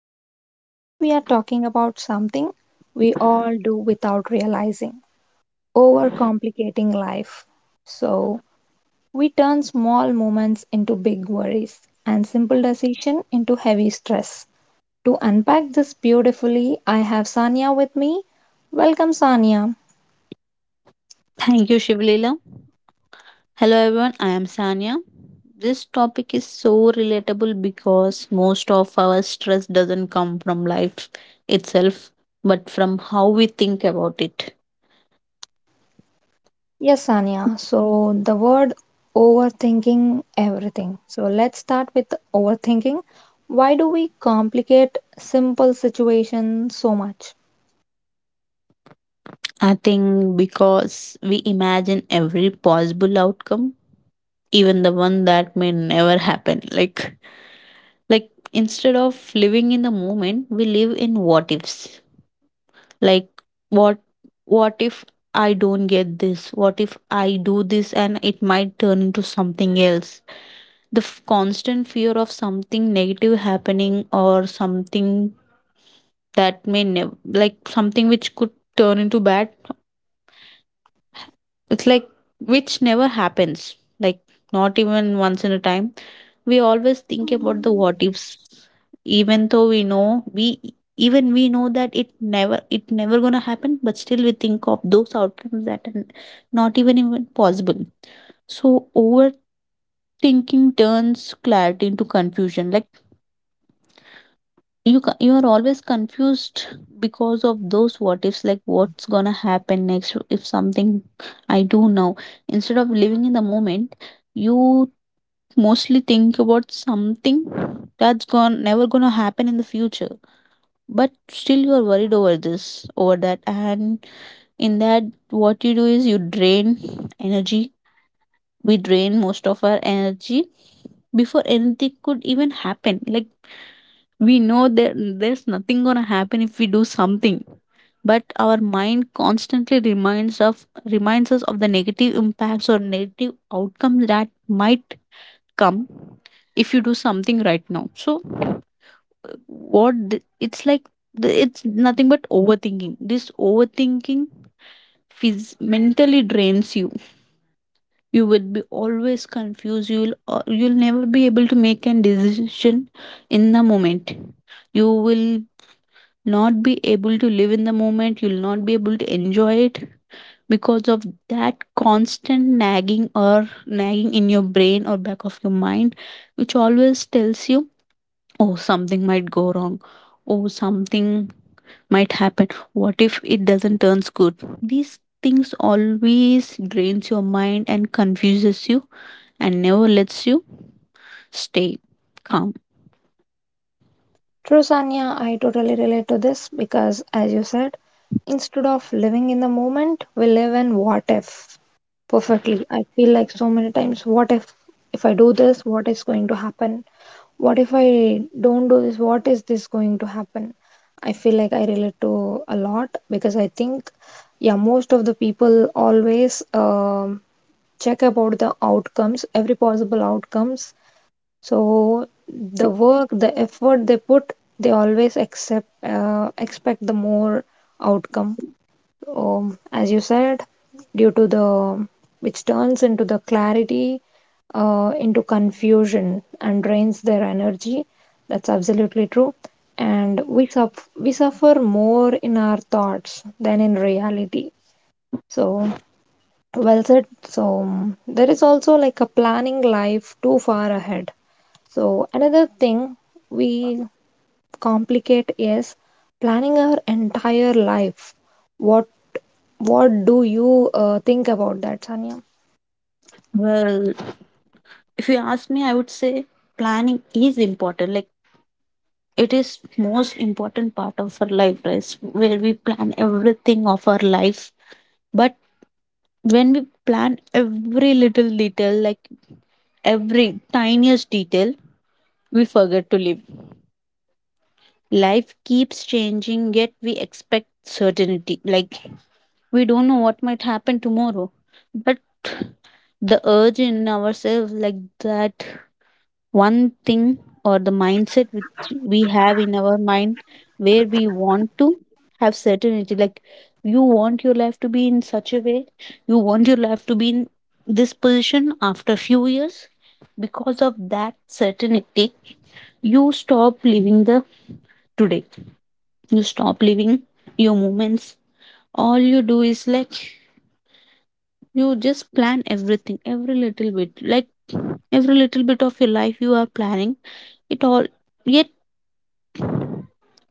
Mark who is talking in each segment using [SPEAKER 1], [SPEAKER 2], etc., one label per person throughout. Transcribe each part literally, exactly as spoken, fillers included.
[SPEAKER 1] podcast. Today we are talking about something we all do without realizing: overcomplicating life. So, we turn small moments into big worries and simple decision into heavy stress. To unpack this beautifully, I have Sanya with me. Welcome, Sanya.
[SPEAKER 2] Thank you, Shivlila. Hello, everyone. I am Sanya. This topic is so relatable because most of our stress doesn't come from life itself, but from how we think about it.
[SPEAKER 1] Yes, Sanya. So the word overthinking everything. So let's start with overthinking. Why do we complicate simple situations so much?
[SPEAKER 2] I think because we imagine every possible outcome, even the one that may never happen. Like, like instead of living in the moment, we live in what ifs. like what what if I don't get this? What if I do this and it might turn into something else? The f- constant fear of something negative happening, or something that may never, like, something which could turn into bad. It's like, which never happens, like, not even once in a time. We always think about the what ifs, even though we know we even we know that it never it never gonna happen, but still we think of those outcomes that are not even even possible. So overthinking turns clarity into confusion. Like, you ca- you are always confused because of those what ifs, like, what's gonna happen next if something I do now? Instead of living in the moment, you mostly think about something that's gone, never gonna happen in the future. But still, you are worried over this, over that, and in that, what you do is you drain energy. We drain most of our energy before anything could even happen. Like, we know that there's nothing gonna happen if we do something, but our mind constantly reminds of reminds us of the negative impacts or negative outcomes that might come if you do something right now. So uh, what th- it's like, th- it's nothing but overthinking. This overthinking phys- mentally drains you. You will be always confused, you will, uh, you'll never be able to make a decision in the moment. You will not be able to live in the moment, you'll not be able to enjoy it because of that constant nagging or nagging in your brain or back of your mind, which always tells you, oh, something might go wrong, oh, something might happen, what if it doesn't turns good? These things always drains your mind and confuses you, and never lets you stay calm.
[SPEAKER 1] True, Sanya, I totally relate to this because, as you said, instead of living in the moment, we live in what if perfectly. I feel like so many times, what if if I do this, what is going to happen? What if I don't do this? What is this going to happen? I feel like I relate to a lot because I think, yeah, most of the people always um, check about the outcomes, every possible outcomes. So the work, the effort they put, they always accept, uh, expect the more outcome, um, as you said, due to the which turns into the clarity uh, into confusion and drains their energy. That's absolutely true. And we suff we suffer more in our thoughts than in reality. So well said. So um, there is also like a planning life too far ahead. So another thing we complicate is planning our entire life. What what do you uh, think about that, Sanya?
[SPEAKER 2] Well, if you ask me, I would say planning is important. Like, it is most important part of our life, right? Where we plan everything of our life. But when we plan every little detail, like every tiniest detail, we forget to live. Life keeps changing, yet we expect certainty. Like, we don't know what might happen tomorrow. But the urge in ourselves, like, that one thing or the mindset which we have in our mind, where we want to have certainty. Like, you want your life to be in such a way, you want your life to be in this position after few years. Because of that certainty, you stop living the today. You stop living your moments. All you do is, like, you just plan everything, every little bit, like every little bit of your life you are planning it all. Yet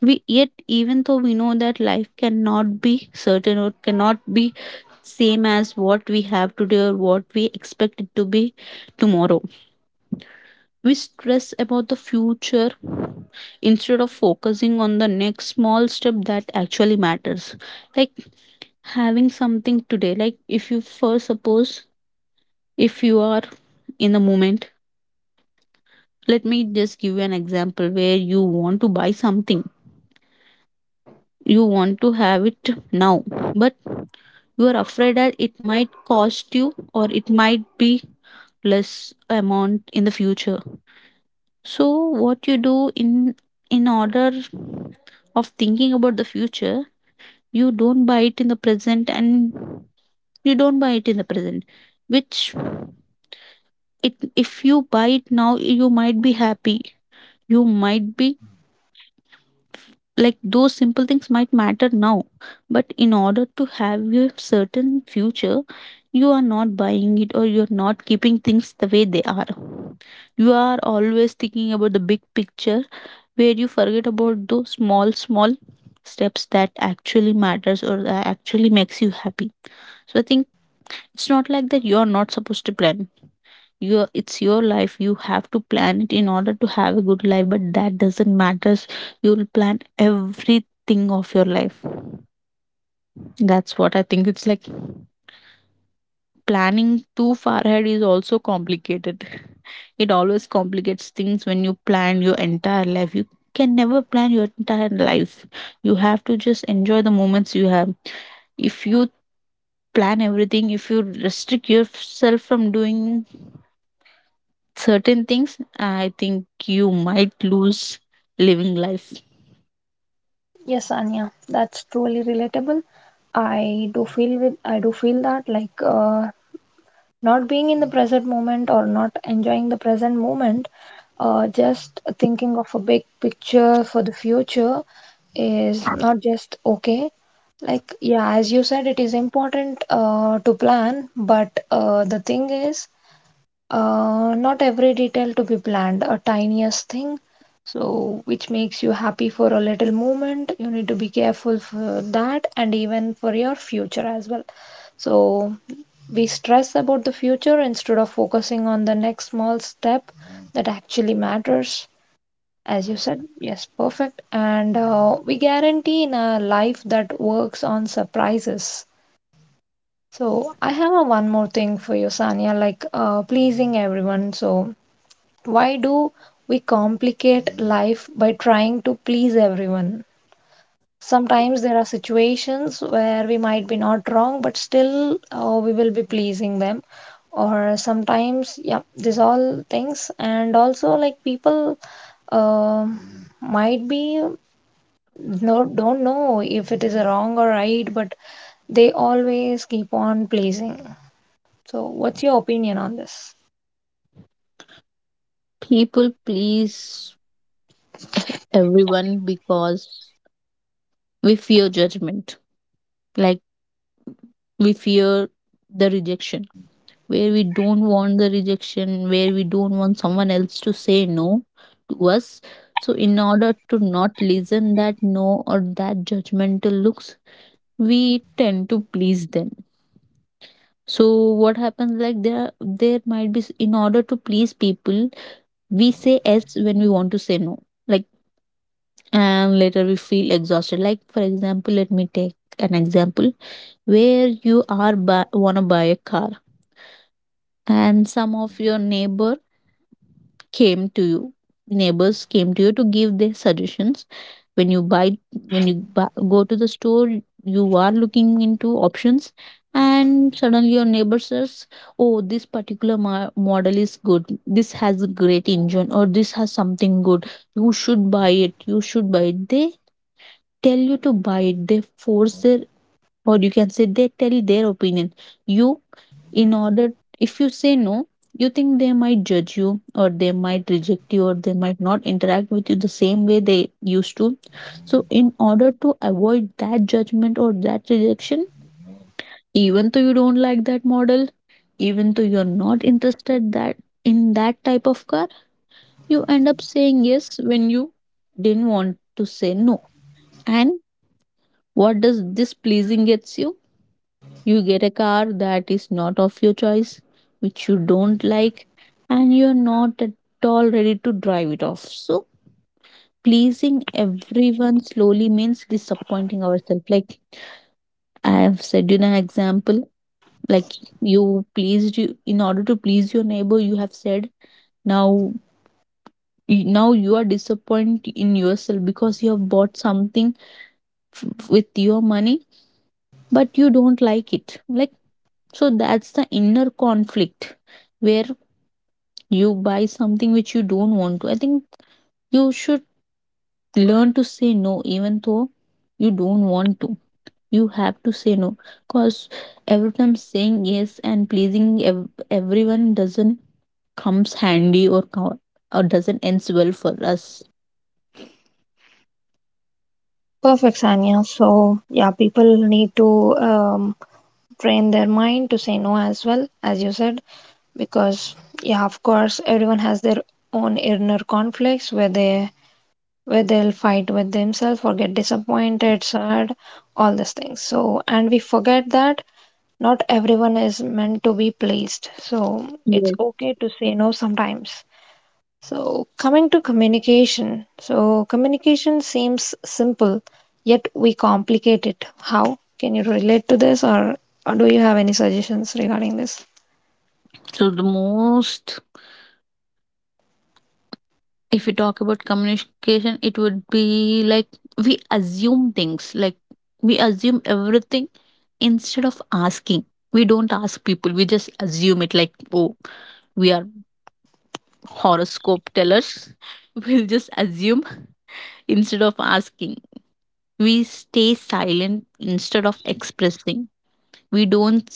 [SPEAKER 2] we yet even though we know that life cannot be certain or cannot be same as what we have today or what we expect it to be tomorrow. We stress about the future instead of focusing on the next small step that actually matters. Like, having something today, like, if you first suppose, if you are in the moment, let me just give you an example where you want to buy something, you want to have it now, but you are afraid that it might cost you or it might be less amount in the future. So what you do, in in order of thinking about the future, you don't buy it in the present, and you don't buy it in the present which, it if you buy it now, you might be happy. You might be, like, those simple things might matter now, but in order to have your certain future, you are not buying it, or you're not keeping things the way they are. You are always thinking about the big picture, where you forget about those small small steps that actually matters or that actually makes you happy. So I think it's not like that you are not supposed to plan. Your It's your life. You have to plan it in order to have a good life, but that doesn't matter. You'll plan everything of your life. That's what I think. It's like, planning too far ahead is also complicated. It always complicates things when you plan your entire life. You can never plan your entire life. You have to just enjoy the moments you have. If you plan everything, if you restrict yourself from doing certain things, I think you might lose living life.
[SPEAKER 1] Yes, Sanya, that's truly relatable. I do feel with I do feel that like uh, not being in the present moment or not enjoying the present moment, uh, just thinking of a big picture for the future is not just okay. Like yeah, as you said, it is important uh, to plan, but uh, the thing is Uh, not every detail to be planned, a tiniest thing, so which makes you happy for a little moment. You need to be careful for that and even for your future as well. So we stress about the future instead of focusing on the next small step that actually matters. As you said, yes, perfect. And uh, we guarantee in a life that works on surprises. So I have a one more thing for you, Sanya, like uh, pleasing everyone. So why do we complicate life by trying to please everyone? Sometimes there are situations where we might be not wrong, but still uh, we will be pleasing them. Or sometimes, yeah, these all things, and also like people um might be, no, don't know if it is wrong or right, but they always keep on pleasing. So, what's your opinion on this?
[SPEAKER 2] People please everyone because we fear judgment. Like, we fear the rejection. Where we don't want the rejection, where we don't want someone else to say no to us. So in order to not listen that no or that judgmental looks, we tend to please them. So what happens, like, there there might be s- in order to please people, we say yes when we want to say no. Like, and later we feel exhausted. Like, for example, let me take an example where you are bu want to buy a car, and some of your neighbor came to you neighbors came to you to give their suggestions. When you buy when you buy, go to the store, you are looking into options, and suddenly your neighbor says, oh, this particular mo- model is good, this has a great engine, or this has something good, you should buy it, you should buy it. They tell you to buy it, they force their, or you can say, they tell their opinion. You, in order, if you say no, you think they might judge you or they might reject you or they might not interact with you the same way they used to. So in order to avoid that judgment or that rejection, even though you don't like that model, even though you're not interested that in that type of car, you end up saying yes when you didn't want to say no. And what does this pleasing gets you? You get a car that is not of your choice, which you don't like, and you're not at all ready to drive it off. So, pleasing everyone slowly means disappointing ourselves. Like, I have said in an example, like, you pleased you, in order to please your neighbor, you have said. Now y- now you are disappointed in yourself because you have bought something f- with your money, but you don't like it. Like, so that's the inner conflict, where you buy something which you don't want to. I think you should learn to say no, even though you don't want to. You have to say no, because every time saying yes and pleasing ev- everyone doesn't comes handy or co- or doesn't ends well for us.
[SPEAKER 1] Perfect, Sanya. So, yeah, people need to um, train their mind to say no as well, as you said, because yeah, of course, everyone has their own inner conflicts where they where they'll fight with themselves or get disappointed, sad, all these things. So, and we forget that not everyone is meant to be pleased. So, it's
[SPEAKER 2] Yes.
[SPEAKER 1] okay to say no sometimes. So, coming to communication. So, communication seems simple, yet we complicate it. How? Can you relate to this, or, or do you have any suggestions regarding this?
[SPEAKER 2] So the most, if we talk about communication, it would be like, we assume things, like, we assume everything instead of asking. We don't ask people, we just assume it, like, oh, we are horoscope tellers. We'll just assume instead of asking. We stay silent instead of expressing. We don't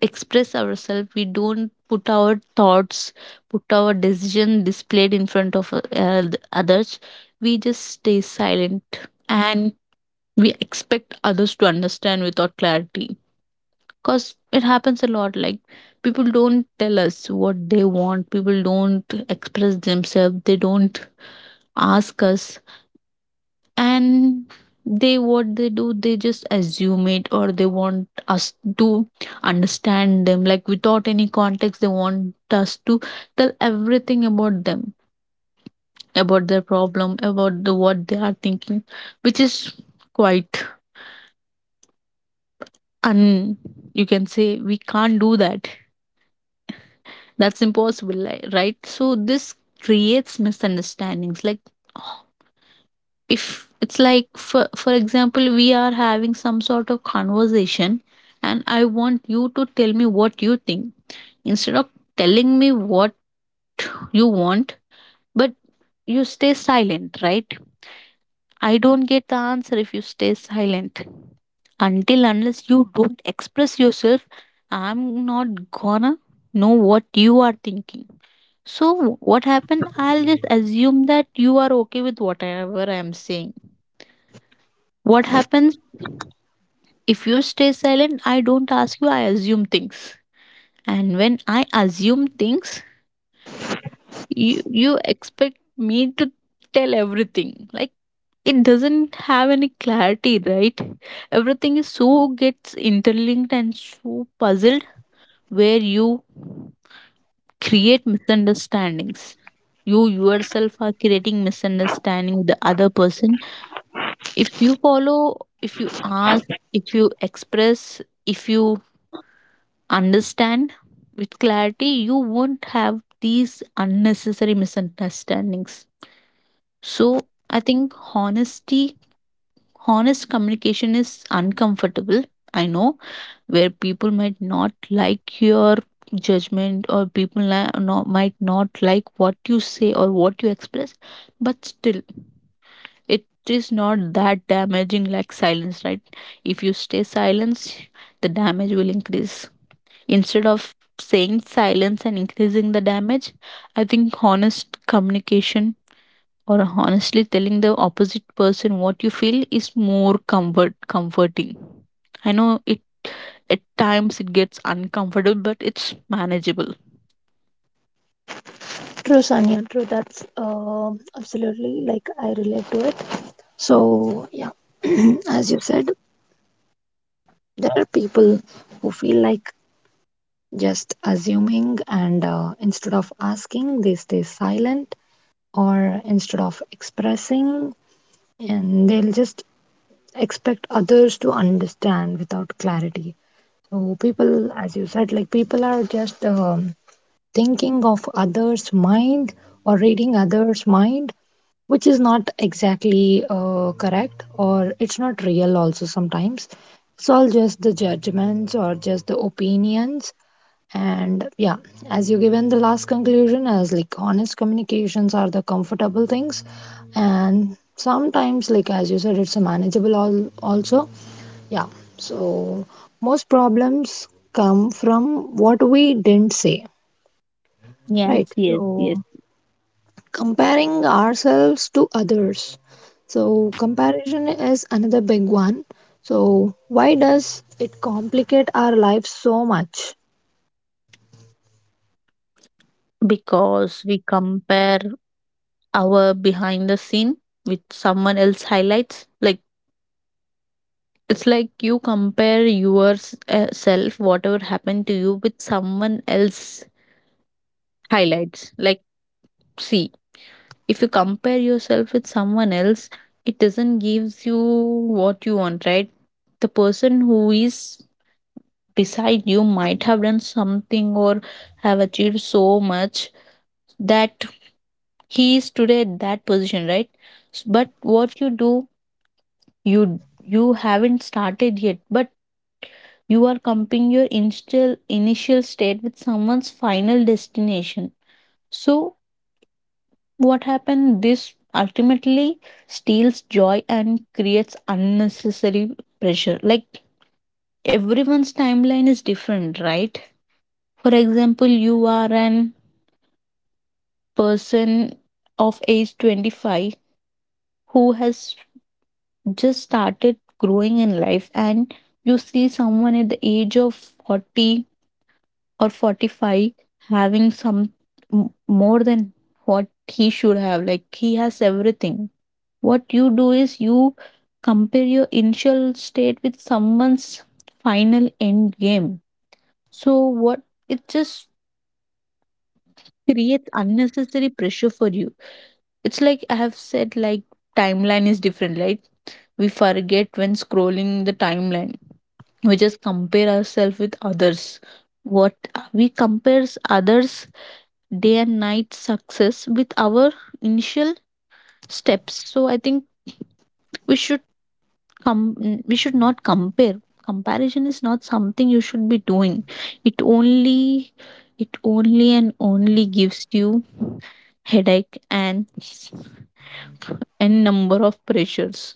[SPEAKER 2] express ourselves, we don't put our thoughts, put our decision displayed in front of, uh, the others. We just stay silent, and we expect others to understand without clarity, because it happens a lot. Like, people don't tell us what they want, people don't express themselves, they don't ask us, and they, what they do, they just assume it, or they want us to understand them, like, without any context they want us to tell everything about them, about their problem, about the what they are thinking, which is quite un, you can say, we can't do that, that's impossible, li- right? So this creates misunderstandings. Like, if it's like, for for example, we are having some sort of conversation, and I want you to tell me what you think instead of telling me what you want, but you stay silent, right? I don't get the answer if you stay silent. Until unless you don't express yourself, I'm not gonna know what you are thinking. So what happened, I'll just assume that you are okay with whatever I'm saying. What happens, if you stay silent, I don't ask you, I assume things. And when I assume things, you, you expect me to tell everything. Like, it doesn't have any clarity, right? Everything is so gets interlinked and so puzzled, where you create misunderstandings. You yourself are creating misunderstanding with the other person. If you follow, if you ask, if you express, if you understand with clarity, you won't have these unnecessary misunderstandings. So I think honesty, honest communication is uncomfortable. I know, where people might not like your judgment, or people li- no, might not like what you say or what you express, but still, it is not that damaging like silence, right? If you stay silence, the damage will increase. Instead of saying silence and increasing the damage, I think honest communication, or honestly telling the opposite person what you feel is more comfort comforting. I know, it at times it gets uncomfortable, but it's manageable.
[SPEAKER 1] True, Sanya. True. That's um absolutely like I relate to it. So, yeah, as you said, there are people who feel like just assuming, and uh, instead of asking, they stay silent, or instead of expressing, and they'll just expect others to understand without clarity. So people, as you said, like people are just um, thinking of others' mind or reading others' mind, which is not exactly uh, correct or it's not real also sometimes. It's all just the judgments or just the opinions. And yeah, as you given the last conclusion as like honest communications are the comfortable things, and sometimes like as you said it's a manageable all also, yeah, so most problems come from what we didn't say,
[SPEAKER 2] Yes,
[SPEAKER 1] right?
[SPEAKER 2] yes, yes.
[SPEAKER 1] So, comparing ourselves to others. So, comparison is another big one. So, why does it complicate our life so much?
[SPEAKER 2] Because we compare our behind the scene with someone else highlights. Like, it's like, you compare yours, uh, self, whatever happened to you with someone else highlights. Like, see, if you compare yourself with someone else, it doesn't gives you what you want, right? The person who is beside you might have done something, or have achieved so much that he is today at that position, right? S- But what you do, you you haven't started yet, but you are comparing your initial initial state with someone's final destination. So what happened? This ultimately steals joy and creates unnecessary pressure. Like, everyone's timeline is different, right? For example, you are an person of age twenty-five who has just started growing in life, and you see someone at the age of forty or forty-five having some m- more than what he should have, like, he has everything. What you do is, you compare your initial state with someone's final end game. So what, it just creates unnecessary pressure for you. It's like, I have said, like, timeline is different. Like, we forget when scrolling the timeline, we just compare ourselves with others. What, we compares others day and night success with our initial steps. So I think we should come, we should not compare. Comparison is not something you should be doing. It only, it only and only gives you headache and and number of pressures.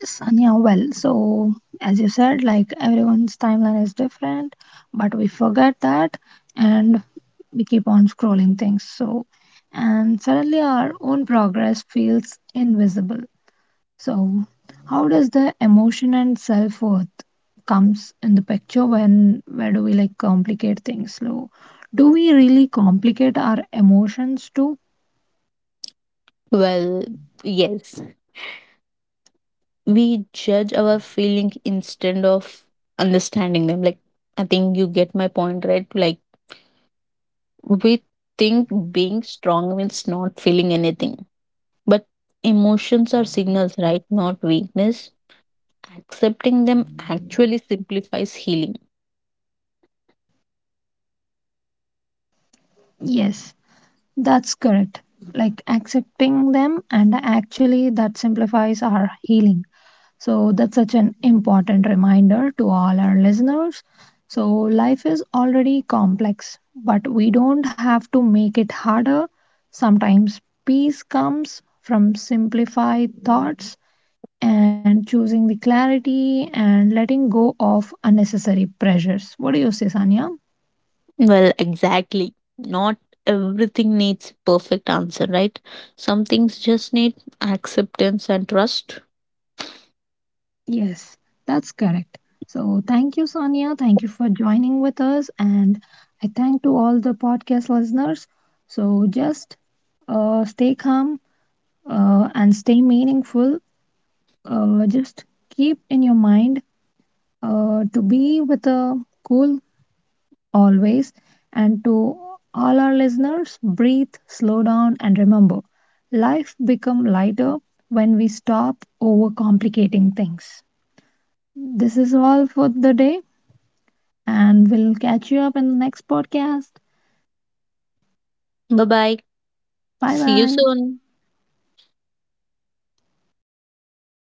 [SPEAKER 1] Yes, Anya, well, so as you said, like everyone's timeline is different, but we forget that and we keep on scrolling things. So, and suddenly our own progress feels invisible. So, how does the emotion and self worth comes in the picture when where do we like complicate things? So, do we really complicate our emotions too?
[SPEAKER 2] Well, yes, we judge our feeling instead of understanding them. Like, I think you get my point, right? Like, we think being strong means not feeling anything, but emotions are signals, right? Not weakness. Accepting them actually simplifies healing.
[SPEAKER 1] Yes, that's correct. Like accepting them, and actually that simplifies our healing. So that's such an important reminder to all our listeners. So life is already complex, but we don't have to make it harder. Sometimes peace comes from simplified thoughts and choosing the clarity and letting go of unnecessary pressures. What do you say, Sanya?
[SPEAKER 2] Well, exactly. Not everything needs perfect answer, right? Some things just need acceptance and trust.
[SPEAKER 1] Yes, that's correct. So thank you, Sonia. Thank you for joining with us. And I thank to all the podcast listeners. So just uh, stay calm uh, and stay meaningful. Uh, just keep in your mind uh, to be with a cool always. And to all our listeners, breathe, slow down, and remember, life become lighter when we stop overcomplicating things. This is all for the day, and we'll catch you up in the next podcast.
[SPEAKER 2] Bye bye.
[SPEAKER 1] Bye
[SPEAKER 2] See you
[SPEAKER 1] bye.
[SPEAKER 2] soon.